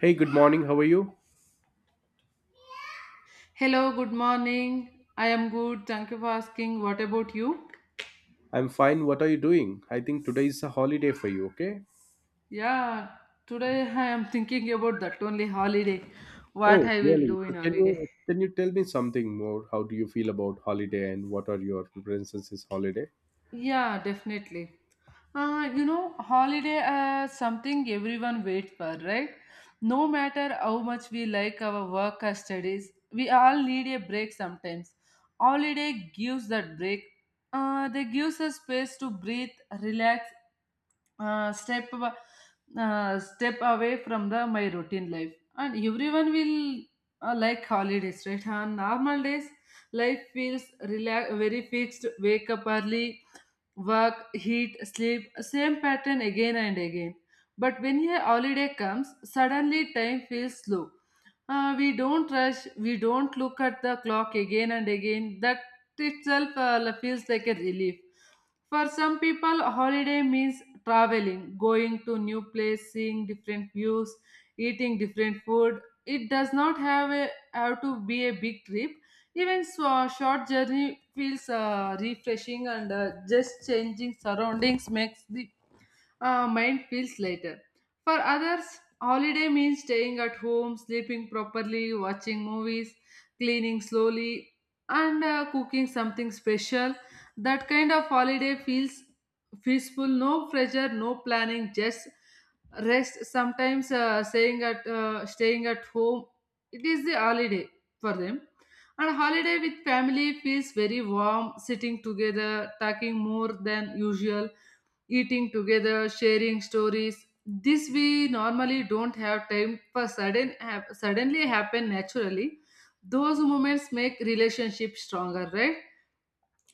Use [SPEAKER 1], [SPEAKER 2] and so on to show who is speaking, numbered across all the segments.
[SPEAKER 1] Hey, good morning. How are you?
[SPEAKER 2] Hello, good morning. I am good. Thank you for asking. What about you?
[SPEAKER 1] I'm fine. What are you doing? I think today is a holiday for you, okay?
[SPEAKER 2] Yeah, today I am thinking about that only holiday. What
[SPEAKER 1] Oh,
[SPEAKER 2] I will
[SPEAKER 1] really?
[SPEAKER 2] do
[SPEAKER 1] So
[SPEAKER 2] in
[SPEAKER 1] Can
[SPEAKER 2] holiday.
[SPEAKER 1] you can you tell me something more? How do you feel about holiday and what are your preferences this holiday?
[SPEAKER 2] Yeah, definitely. You know, holiday something everyone waits for, right? No matter how much we like our work or studies, we all need a break sometimes. Holiday gives that break. They gives us space to breathe, relax, uh, step ab- step away from the my routine life. And everyone will like holidays, right? On normal days, life feels relax, very fixed. Wake up early work, heat, sleep, same pattern again and again. But when a holiday comes, suddenly time feels slow. We don't rush, we don't look at the clock again and again. That itself feels like a relief. For some people, holiday means traveling, going to new place, seeing different views, eating different food. It does not have a have to be a big trip. Even so, a short journey feels refreshing, and just changing surroundings makes the mind feels lighter. For others, holiday means staying at home, sleeping properly, watching movies, cleaning slowly, and cooking something special. That kind of holiday feels peaceful, no pressure, no planning, just rest. Sometimes staying at home, it is the holiday for them. And holiday with family feels very warm, sitting together, talking more than usual eating together, sharing stories. This we normally don't have time for suddenly happen naturally. Those moments make relationships stronger, right?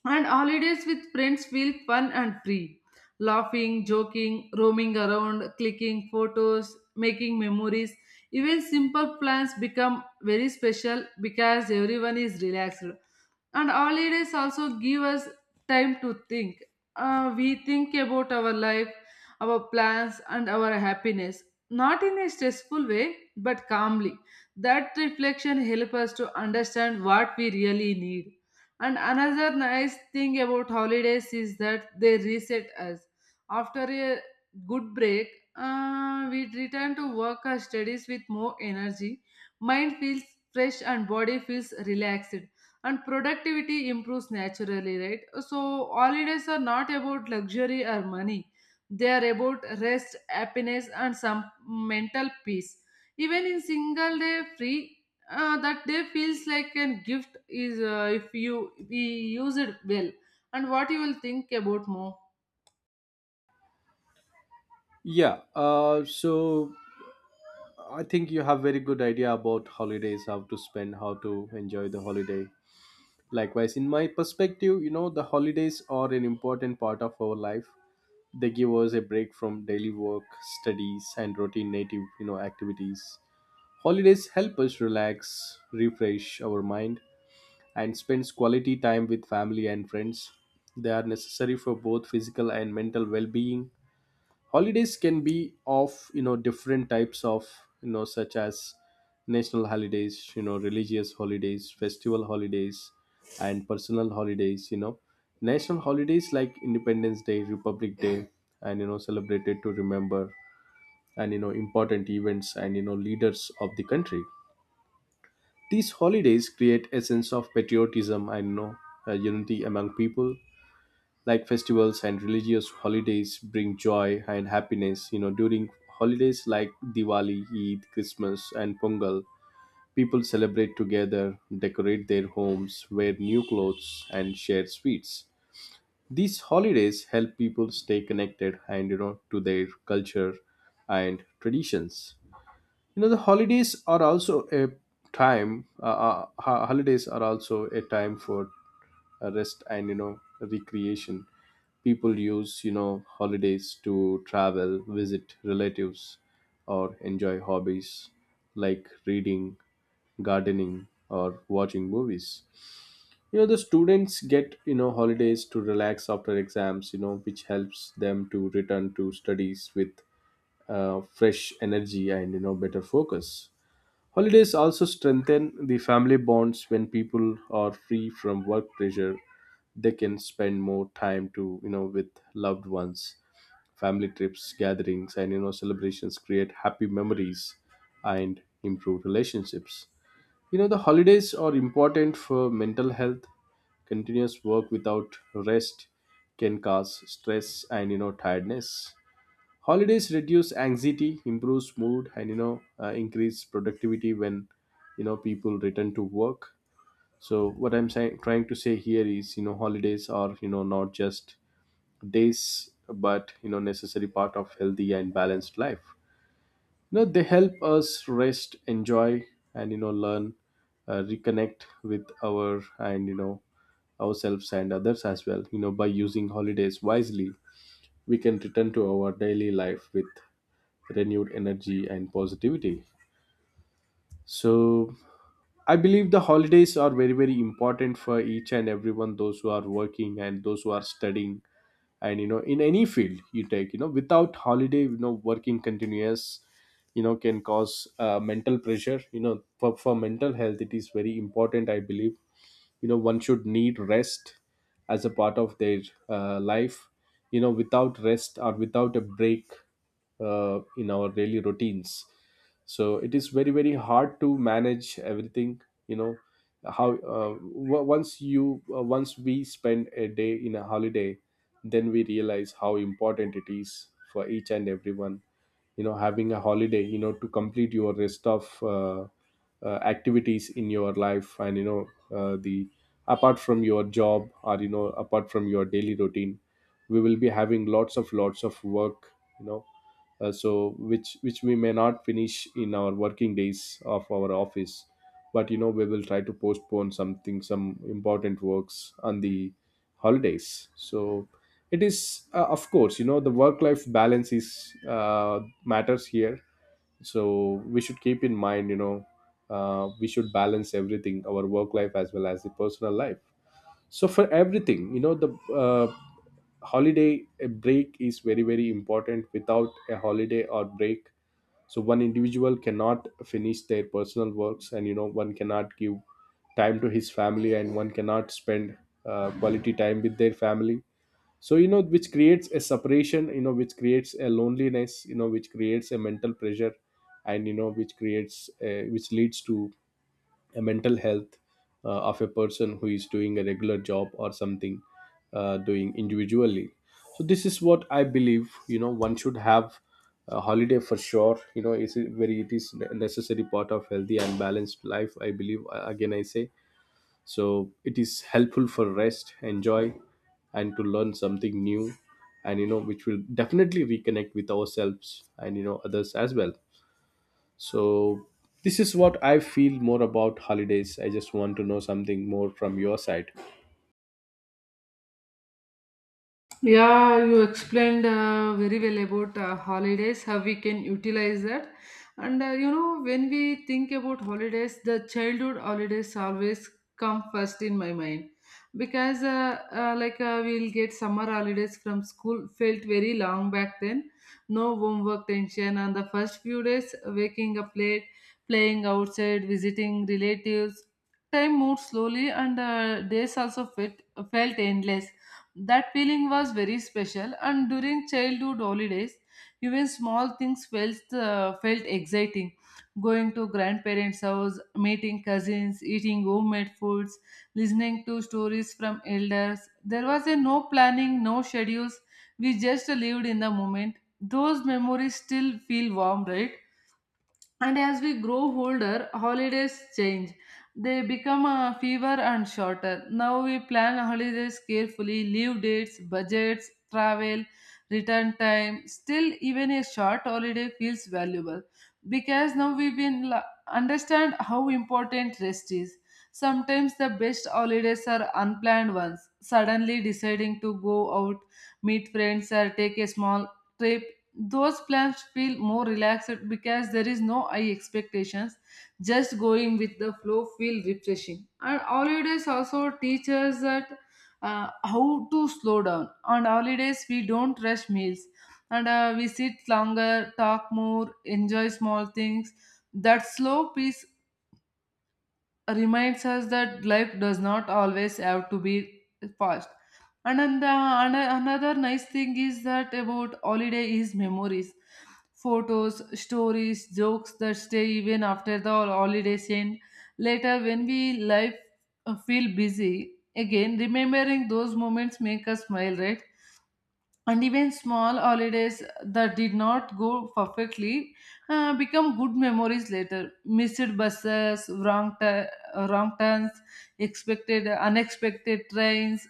[SPEAKER 2] And holidays with friends feel fun and free. Laughing, joking, roaming around, clicking photos, making memories. Even simple plans become very special because everyone is relaxed, and holidays also give us time to think. We think about our life, our plans and our happiness, not in a stressful way but calmly. That reflection helps us to understand what we really need. And another nice thing about holidays is that they reset us. After a good break, we return to work or studies with more energy. Mind feels fresh and body feels relaxed, and productivity improves naturally, right? So holidays are not about luxury or money, they are about rest, happiness and some mental peace. Even in single day free, that day feels like a gift is if you we use it well. And what you will think about more?
[SPEAKER 1] Yeah, so I think you have very good idea about holidays, how to spend, how to enjoy the holiday. Likewise, in my perspective, the holidays are an important part of our life. They give us a break from daily work, studies, and routine native, activities. Holidays help us relax, refresh our mind, and spend quality time with family and friends. They are necessary for both physical and mental well-being. Holidays can be of different types of such as national holidays, religious holidays, festival holidays, and personal holidays. National holidays like Independence Day, Republic Day, and celebrated to remember and important events and leaders of the country. These holidays create a sense of patriotism and, unity among people. Like festivals and religious holidays bring joy and happiness. During holidays like Diwali, Eid, Christmas, and Pongal, people celebrate together, decorate their homes, wear new clothes, and share sweets. These holidays help people stay connected and to their culture and traditions. The holidays are also a time holidays are also a time for rest and recreation. People use holidays to travel, visit relatives, or enjoy hobbies like reading, gardening, or watching movies. The students get holidays to relax after exams, which helps them to return to studies with fresh energy and better focus. Holidays also strengthen the family bonds when people are free from work pressure. They can spend more time to, with loved ones. Family trips, gatherings, and, celebrations create happy memories and improve relationships. The holidays are important for mental health. Continuous work without rest can cause stress and, tiredness. Holidays reduce anxiety, improves mood, and increase productivity when people return to work. So what I'm saying trying to say here is, holidays are, not just days but necessary part of healthy and balanced life. They help us rest, enjoy, and learn, reconnect with our and ourselves and others as well. By using holidays wisely, we can return to our daily life with renewed energy and positivity. So I believe the holidays are very very important for each and everyone, those who are working and those who are studying. And in any field you take, without holiday, working continuous, can cause mental pressure. For mental health it is very important, I believe. One should need rest as a part of their life. Without rest or without a break in our daily routines, so it is very very hard to manage everything. you know how once we spend a day in a holiday, then we realize how important it is for each and everyone. Having a holiday, to complete your rest of activities in your life, and you know the apart from your job, or apart from your daily routine, we will be having lots of work. you know so which we may not finish in our working days of our office, but we will try to postpone something, some important works on the holidays. So it is, of course, the work life balance is, matters here. So we should keep in mind, we should balance everything, our work life as well as the personal life. So for everything, the uh, holiday a break is very very important. Without a holiday or break, so one individual cannot finish their personal works, and one cannot give time to his family, and one cannot spend quality time with their family. So which creates a separation, which creates a loneliness, which creates a mental pressure, and which creates a, which leads to a mental health of a person who is doing a regular job, or something doing individually. So this is what I believe, one should have a holiday for sure. It is a necessary part of healthy and balanced life, I believe. Again, I say, so it is helpful for rest, enjoy, and to learn something new, and which will definitely reconnect with ourselves and others as well. So this is what I feel more about holidays. I just want to know something more from your side.
[SPEAKER 2] Yeah, you explained very well about holidays, how we can utilize that. And you know, when we think about holidays, the childhood holidays always come first in my mind because, we'll get summer holidays from school, felt very long back then. No homework tension, and the first few days, waking up late, playing outside, visiting relatives. Time moved slowly, and days also felt endless. That feeling was very special, and during childhood holidays, even small things felt exciting. Going to grandparents' house, meeting cousins, eating homemade foods, listening to stories from elders. There was a no planning, no schedules. We just lived in the moment. Those memories still feel warm, right? And as we grow older, holidays change. They become fewer and shorter. Now we plan holidays carefully, leave dates, budgets, travel, return time. Still, even a short holiday feels valuable because now understand how important rest is. Sometimes the best holidays are unplanned ones. Suddenly deciding to go out, meet friends, or take a small trip. Those plans feel more relaxed because there is no high expectations. Just going with the flow feel refreshing. And holidays also teach us that how to slow down. On holidays we don't rush meals, and we sit longer, talk more, enjoy small things. That slow pace reminds us that life does not always have to be fast. And then another nice thing is that about holiday is memories, photos, stories, jokes that stay even after the holidays end. Later, when we life feel busy again, remembering those moments make us smile, right? And even small holidays that did not go perfectly become good memories later. Missed buses, wrong turns, expected unexpected trains,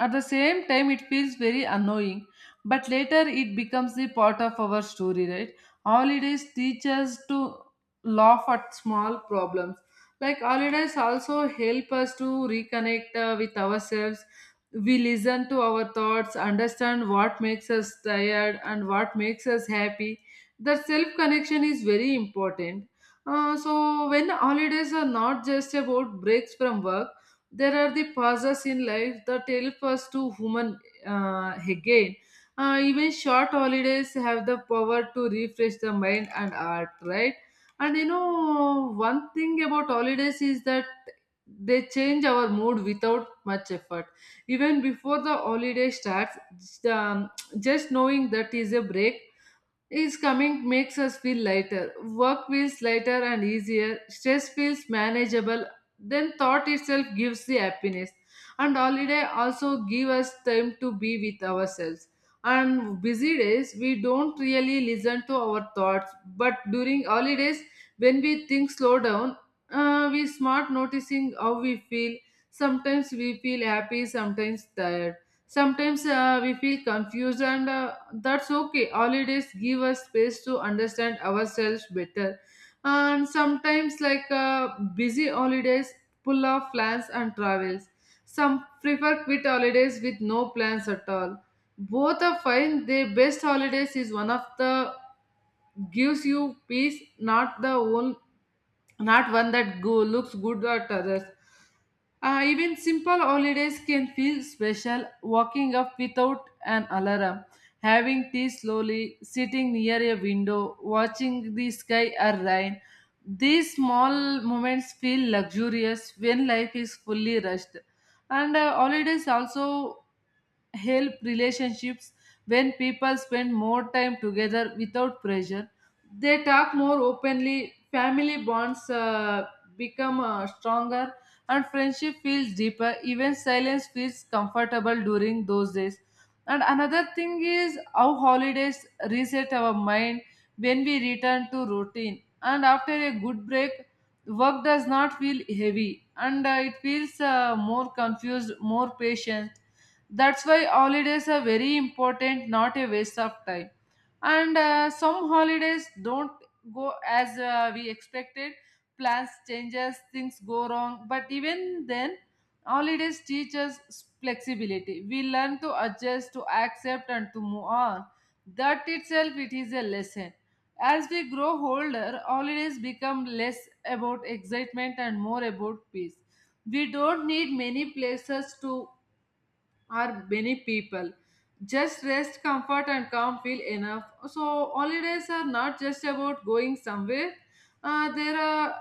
[SPEAKER 2] at the same time, it feels very annoying, but later it becomes the part of our story, right? Holidays teach us to laugh at small problems. Like holidays also help us to reconnect with ourselves. We listen to our thoughts, understand what makes us tired and what makes us happy. The self connection is very important. So when holidays are not just about breaks from work, there are the pauses in life that help us to human again. Even short holidays have the power to refresh the mind and heart, right? And you know, one thing about holidays is that they change our mood without much effort. Even before the holiday starts, just knowing that is a break is coming makes us feel lighter. Work feels lighter and easier. Stress feels manageable. Then thought itself gives the happiness. And holiday also give us time to be with ourselves. And busy days we don't really listen to our thoughts. But during holidays, when we think slow down, we smart noticing how we feel. Sometimes we feel happy, sometimes tired. Sometimes we feel confused, and that's okay. Holidays give us space to understand ourselves better. And sometimes, busy holidays, full of plans and travels. Some prefer quit holidays with no plans at all. Both are fine. The best holidays is one of the gives you peace, not the one, not one that go, looks good at others. Even simple holidays can feel special. Walking up without an alarm, having tea slowly, sitting near a window, watching the sky or rain. These small moments feel luxurious when life is fully rushed. And holidays also help relationships. When people spend more time together without pressure, they talk more openly, family bonds become stronger, and friendship feels deeper. Even silence feels comfortable during those days. And another thing is how holidays reset our mind when we return to routine. And after a good break, work does not feel heavy, and it feels more confused, more patient. That's why holidays are very important, not a waste of time. And some holidays don't go as we expected. Plans changes, things go wrong. But even then, holidays teach us flexibility. We learn to adjust, to accept, and to move on. That itself it is a lesson. As we grow older, holidays become less about excitement and more about peace. We don't need many places to are many people. Just rest, comfort, and calm feel enough. So holidays are not just about going somewhere. There are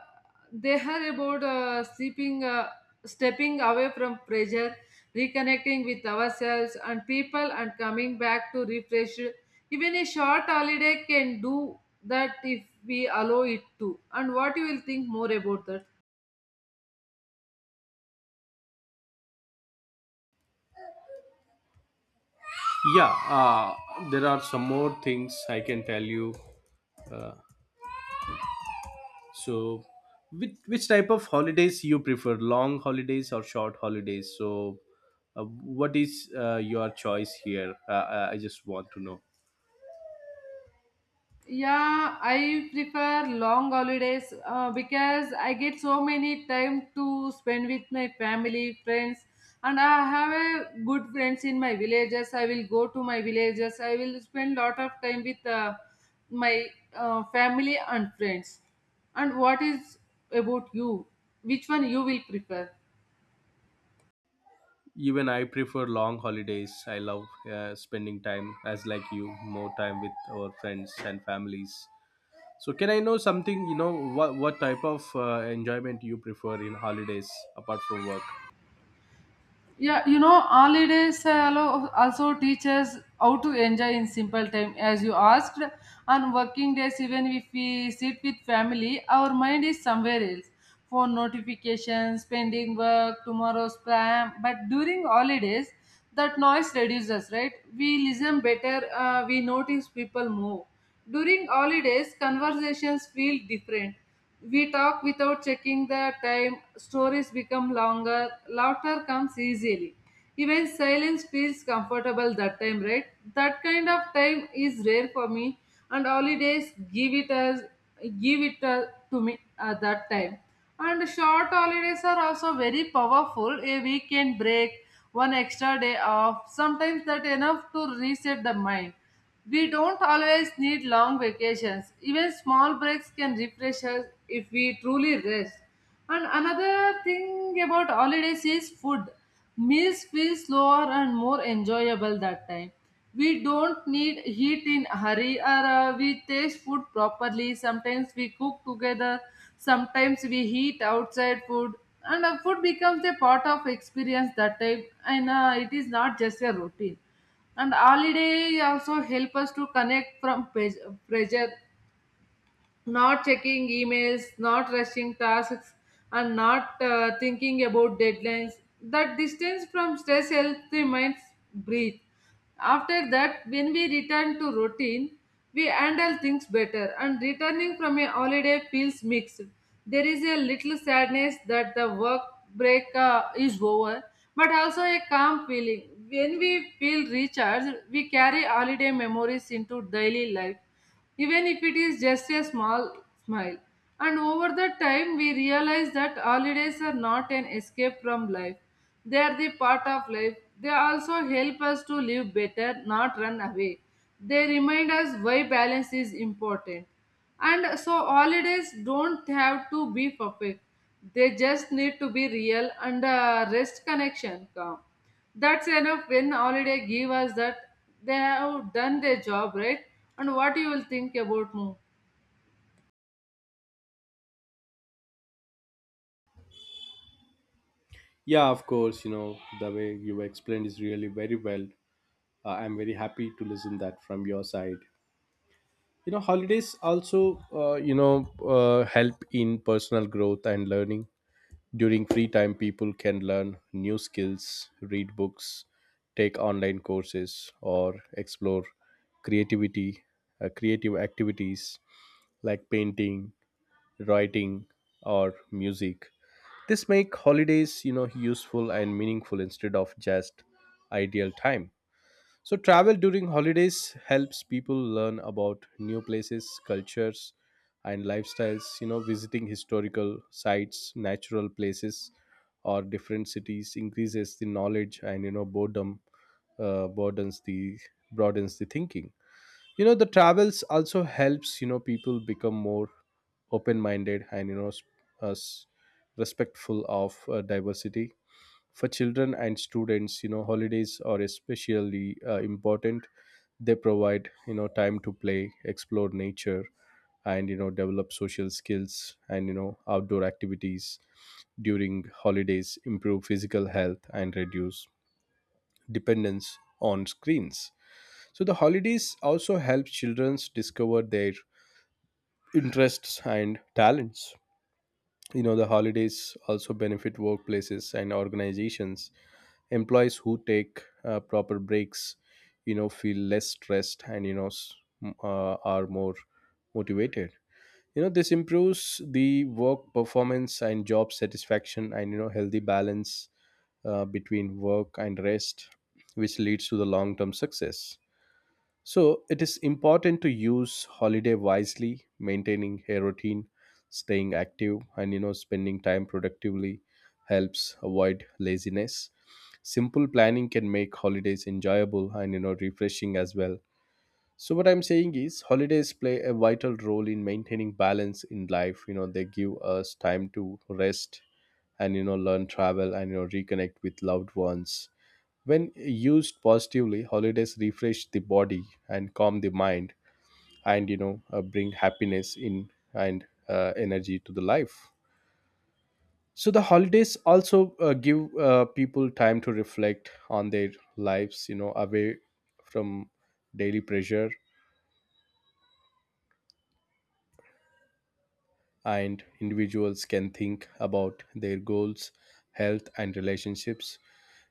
[SPEAKER 2] They are about sleeping, stepping away from pressure, reconnecting with ourselves and people, and coming back to refresh. Even a short holiday can do that if we allow it to. And what you will think more about that?
[SPEAKER 1] Yeah, there are some more things I can tell you. So, which type of holidays you prefer, long holidays or short holidays? So, what is your choice here? I just want to know.
[SPEAKER 2] Yeah, I prefer long holidays because I get so many time to spend with my family, friends, and I have a good friends in my villages. I will go to my villages. I will spend lot of time with my family and friends. And what is about you? Which one you will prefer?
[SPEAKER 1] Even I prefer long holidays. I love spending time, as like you, more time with our friends and families. So, can I know something? What type of enjoyment you prefer in holidays apart from work?
[SPEAKER 2] Yeah, you know, holidays also teach us how to enjoy in simple time. As you asked, on working days, even if we sit with family, our mind is somewhere else. Phone notifications, pending work, tomorrow's plan. But during holidays, that noise reduces, right? We listen better, we notice people more. During holidays, conversations feel different. We talk without checking the time, stories become longer, laughter comes easily. Even silence feels comfortable that time, right? That kind of time is rare for me, and holidays give it to me at that time. And short holidays are also very powerful. A weekend break, one extra day off, sometimes that enough to reset the mind. We don't always need long vacations. Even small breaks can refresh us if we truly rest. And another thing about holidays is food. Meals feel slower and more enjoyable that time. We don't need heat in a hurry or we taste food properly. Sometimes we cook together. Sometimes we eat outside food. And food becomes a part of experience that time. And it is not just a routine. And holiday also help us to connect from pressure, not checking emails, not rushing tasks, and not thinking about deadlines. That distance from stress helps the mind breathe. After that, when we return to routine, we handle things better, and returning from a holiday feels mixed. There is a little sadness that the work break is over, but also a calm feeling. When we feel recharged, we carry holiday memories into daily life even if it is just a small smile. And over the time, we realize that holidays are not an escape from life, they are the part of life. They also help us to live better, not run away. They remind us why balance is important. And so holidays don't have to be perfect. They just need to be real and rest connection come. That's enough when holiday give us that they have done their job, right? And what you will think about more?
[SPEAKER 1] Yeah, of course. The way you explained is really very well. I'm very happy to listen that from your side. Holidays also, help in personal growth and learning. During free time, people can learn new skills, read books, take online courses, or explore creativity, creative activities like painting, writing, or music. This make holidays, useful and meaningful instead of just ideal time. So, travel during holidays helps people learn about new places, cultures, and lifestyles. Visiting historical sites, natural places, or different cities increases the knowledge, and, boredom broadens the thinking. The travels also helps, people become more open minded, and uh, s- respectful of diversity. For children and students, holidays are especially important. They provide, time to play, explore nature, and develop social skills, and outdoor activities during holidays improve physical health and reduce dependence on screens. So the holidays also help children discover their interests and talents. The holidays also benefit workplaces and organizations. Employees who take proper breaks, feel less stressed, and, are more motivated. This improves the work performance and job satisfaction, and, healthy balance between work and rest, which leads to the long term success. So it is important to use holiday wisely. Maintaining a routine, staying active, and spending time productively helps avoid laziness. Simple planning can make holidays enjoyable and refreshing as well. So what I'm saying is, holidays play a vital role in maintaining balance in life. They give us time to rest, and learn, travel, and reconnect with loved ones. When used positively, holidays refresh the body and calm the mind, and bring happiness in, and energy to the life. So the holidays also give people time to reflect on their lives, away from daily pressure, and individuals can think about their goals, health, and relationships.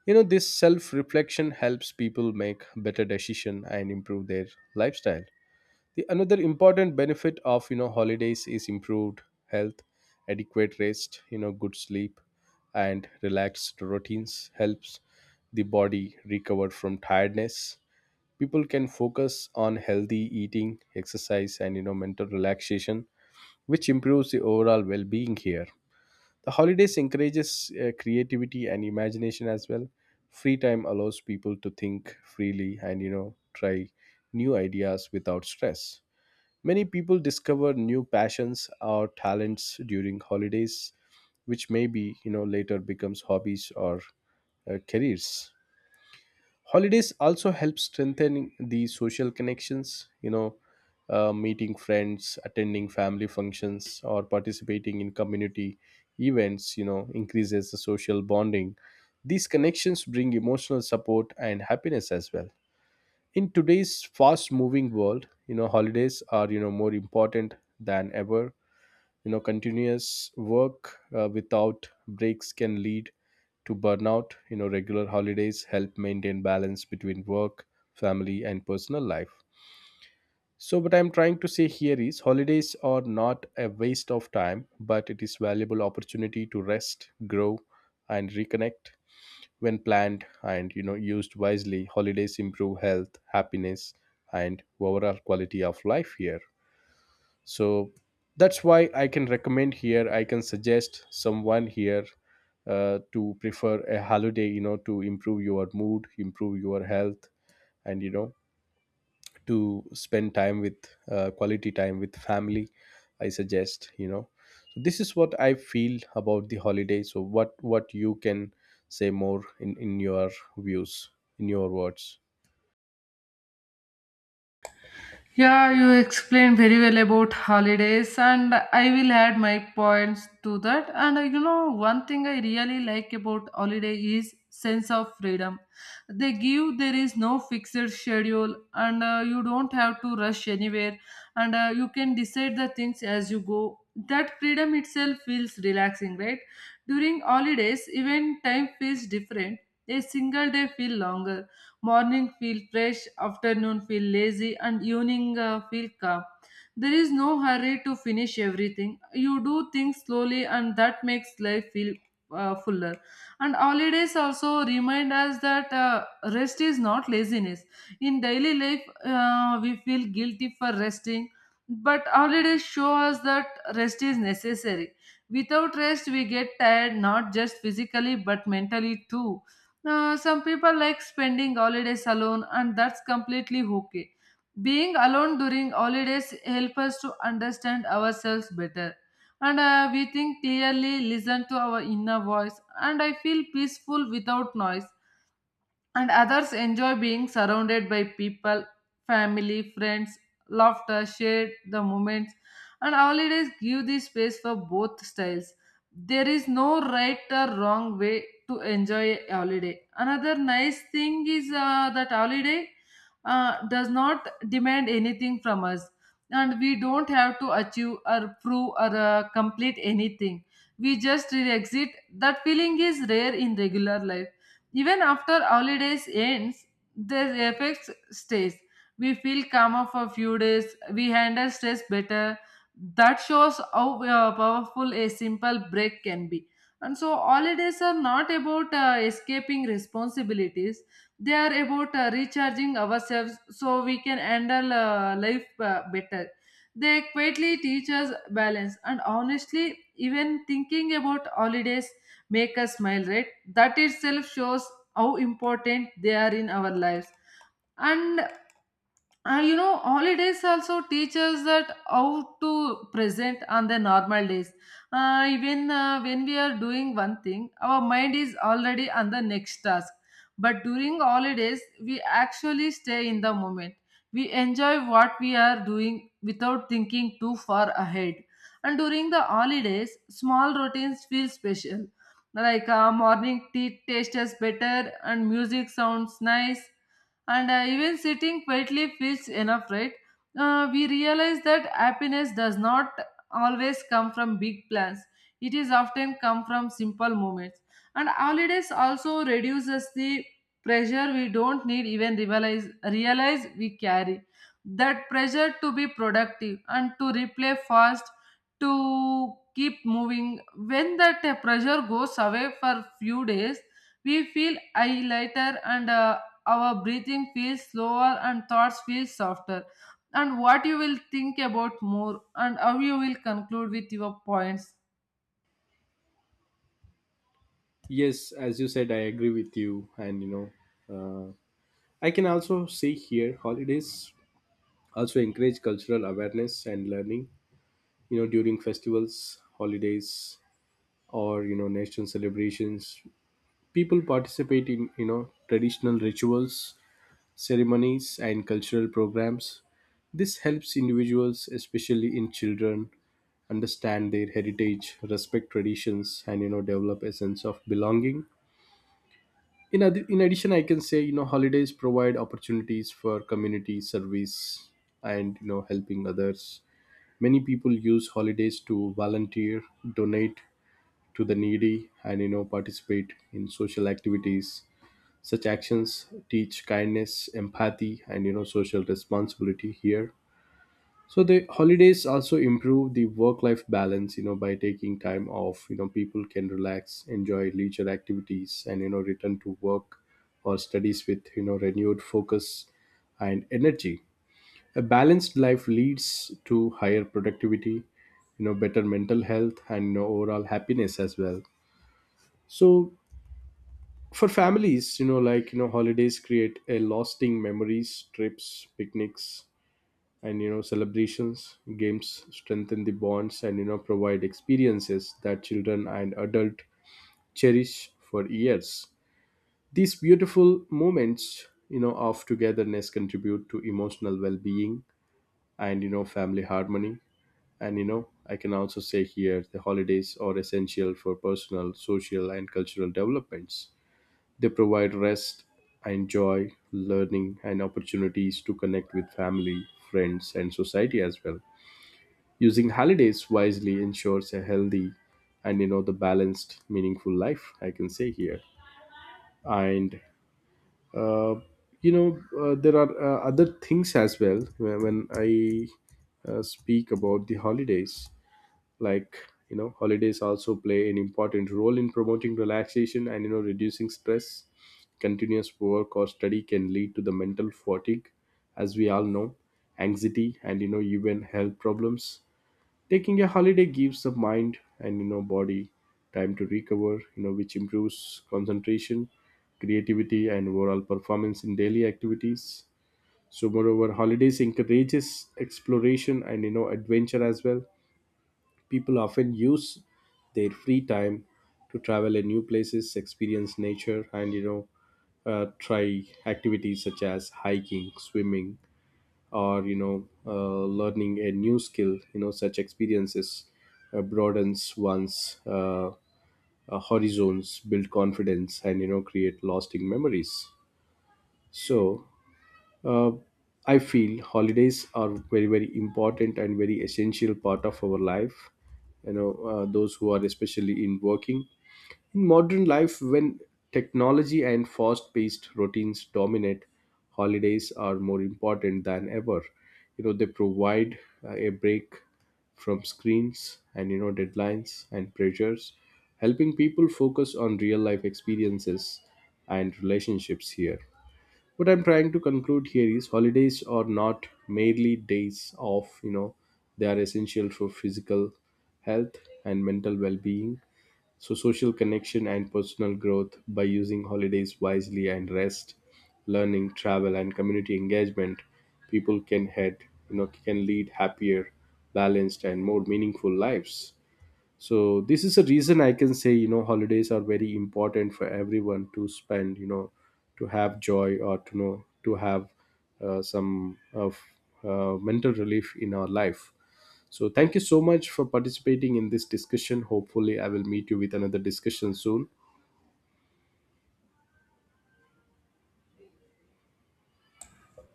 [SPEAKER 1] This self reflection helps people make better decision and improve their lifestyle. The another important benefit of holidays is improved health. Adequate rest, good sleep, and relaxed routines helps the body recover from tiredness. People can focus on healthy eating, exercise, and mental relaxation, which improves the overall well-being here. The holidays encourages creativity and imagination as well. Free time allows people to think freely and try new ideas without stress. Many people discover new passions or talents during holidays, which maybe later becomes hobbies or careers. Holidays also help strengthen the social connections. Meeting friends, attending family functions, or participating in community events, increases the social bonding. These connections bring emotional support and happiness as well. In today's fast moving world, holidays are more important than ever. Continuous work without breaks can lead to burnout. Regular holidays help maintain balance between work, family and personal life. So what I'm trying to say here is holidays are not a waste of time, but it is valuable opportunity to rest, grow and reconnect. When planned and used wisely, holidays improve health, happiness and overall quality of life here. So that's why I can recommend here, I can suggest someone here to prefer a holiday, to improve your mood, improve your health, and to spend time with quality time with family. I suggest, so this is what I feel about the holiday. So what you can say more in your views, in your words.
[SPEAKER 2] Yeah, you explained very well about holidays, and I will add my points to that. One thing I really like about holiday is sense of freedom. They give there is no fixed schedule, and you don't have to rush anywhere, and you can decide the things as you go. That freedom itself feels relaxing, right? During holidays, even time feels different. A single day feel longer. Morning feel fresh, afternoon feel lazy, and evening feel calm. There is no hurry to finish everything. You do things slowly, and that makes life feel fuller. And holidays also remind us that rest is not laziness. In daily life, we feel guilty for resting, but holidays show us that rest is necessary. Without rest, we get tired not just physically but mentally too. Some people like spending holidays alone, and that's completely okay. Being alone during holidays helps us to understand ourselves better, and we think clearly, listen to our inner voice, and I feel peaceful without noise. And others enjoy being surrounded by people, family, friends, laughter, shared the moments, and holidays give the space for both styles. There is no right or wrong way to enjoy a holiday. Another nice thing is that holiday does not demand anything from us, and we don't have to achieve or prove or complete anything. We just exit. That feeling is rare in regular life even after holidays ends, the effects stays. We feel calmer for a few days. We handle stress better. That shows how powerful a simple break can be. And so holidays are not about escaping responsibilities. They are about recharging ourselves so we can handle life better. They quietly teach us balance. And honestly, even thinking about holidays make us smile, right? That itself shows how important they are in our lives. and Holidays also teach us that how to present on the normal days. Even when we are doing one thing, our mind is already on the next task. But during holidays, we actually stay in the moment. We enjoy what we are doing without thinking too far ahead. And during the holidays, small routines feel special. Like morning tea tastes better and music sounds nice and even sitting quietly feels enough, right? We realize that happiness does not always come from big plans, it is often come from simple moments. And holidays also reduces the pressure we don't need even realize we carry, that pressure to be productive and to replay fast, to keep moving. When that pressure goes away for few days, we feel I lighter, and our breathing feels slower and thoughts feel softer. And what you will think about more, and how you will conclude with your points?
[SPEAKER 1] Yes, as you said, I agree with you. And uh, I can also see here holidays also encourage cultural awareness and learning. You know, during festivals, holidays, or national celebrations, people participate in traditional rituals, ceremonies, and cultural programs. This helps individuals, especially in children, understand their heritage, respect traditions, and develop a sense of belonging. In addition, I can say holidays provide opportunities for community service and helping others. Many people use holidays to volunteer, donate to the needy, and participate in social activities. Such actions teach kindness, empathy, and social responsibility here. So the holidays also improve the work-life balance. You know, by taking time off, people can relax, enjoy leisure activities, and return to work or studies with renewed focus and energy. A balanced life leads to higher productivity, better mental health and overall happiness as well. So for families, holidays create a lasting memories, trips, picnics and celebrations, games strengthen the bonds and provide experiences that children and adult cherish for years. These beautiful moments of togetherness contribute to emotional well-being and family harmony. And I can also say here the holidays are essential for personal, social and cultural developments. They provide rest and joy, learning, and opportunities to connect with family, friends, and society as well. Using holidays wisely ensures a healthy and the balanced, meaningful life, I can say here. And uh, you know there are other things as well. When I speak about the holidays, like holidays also play an important role in promoting relaxation and reducing stress. Continuous work or study can lead to the mental fatigue, as we all know, anxiety and even health problems. Taking a holiday gives the mind and body time to recover, which improves concentration, creativity and overall performance in daily activities. So moreover, holidays encourages exploration and adventure as well. People often use their free time to travel in new places, experience nature, and try activities such as hiking, swimming, or learning a new skill. You know, such experiences broadens one's horizons, build confidence, and create lasting memories. So, uh, I feel holidays are very, very important and very essential part of our life. You know, those who are especially in working in modern life, when technology and fast-paced routines dominate, holidays are more important than ever. You know, they provide a break from screens and deadlines and pressures, helping people focus on real-life experiences and relationships here. What I'm trying to conclude here is holidays are not merely days off. They are essential for physical health and mental well-being, so social connection and personal growth. By using holidays wisely and rest, learning, travel and community engagement, people can head, can lead happier, balanced and more meaningful lives. So this is a reason I can say, holidays are very important for everyone to spend, to have joy, or to know to have some of mental relief in our life. So thank you so much for participating in this discussion. Hopefully I will meet you with another discussion soon.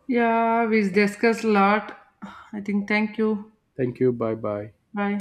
[SPEAKER 2] Yeah, we discussed a lot. I think thank you.
[SPEAKER 1] Thank you. Bye bye.
[SPEAKER 2] Bye.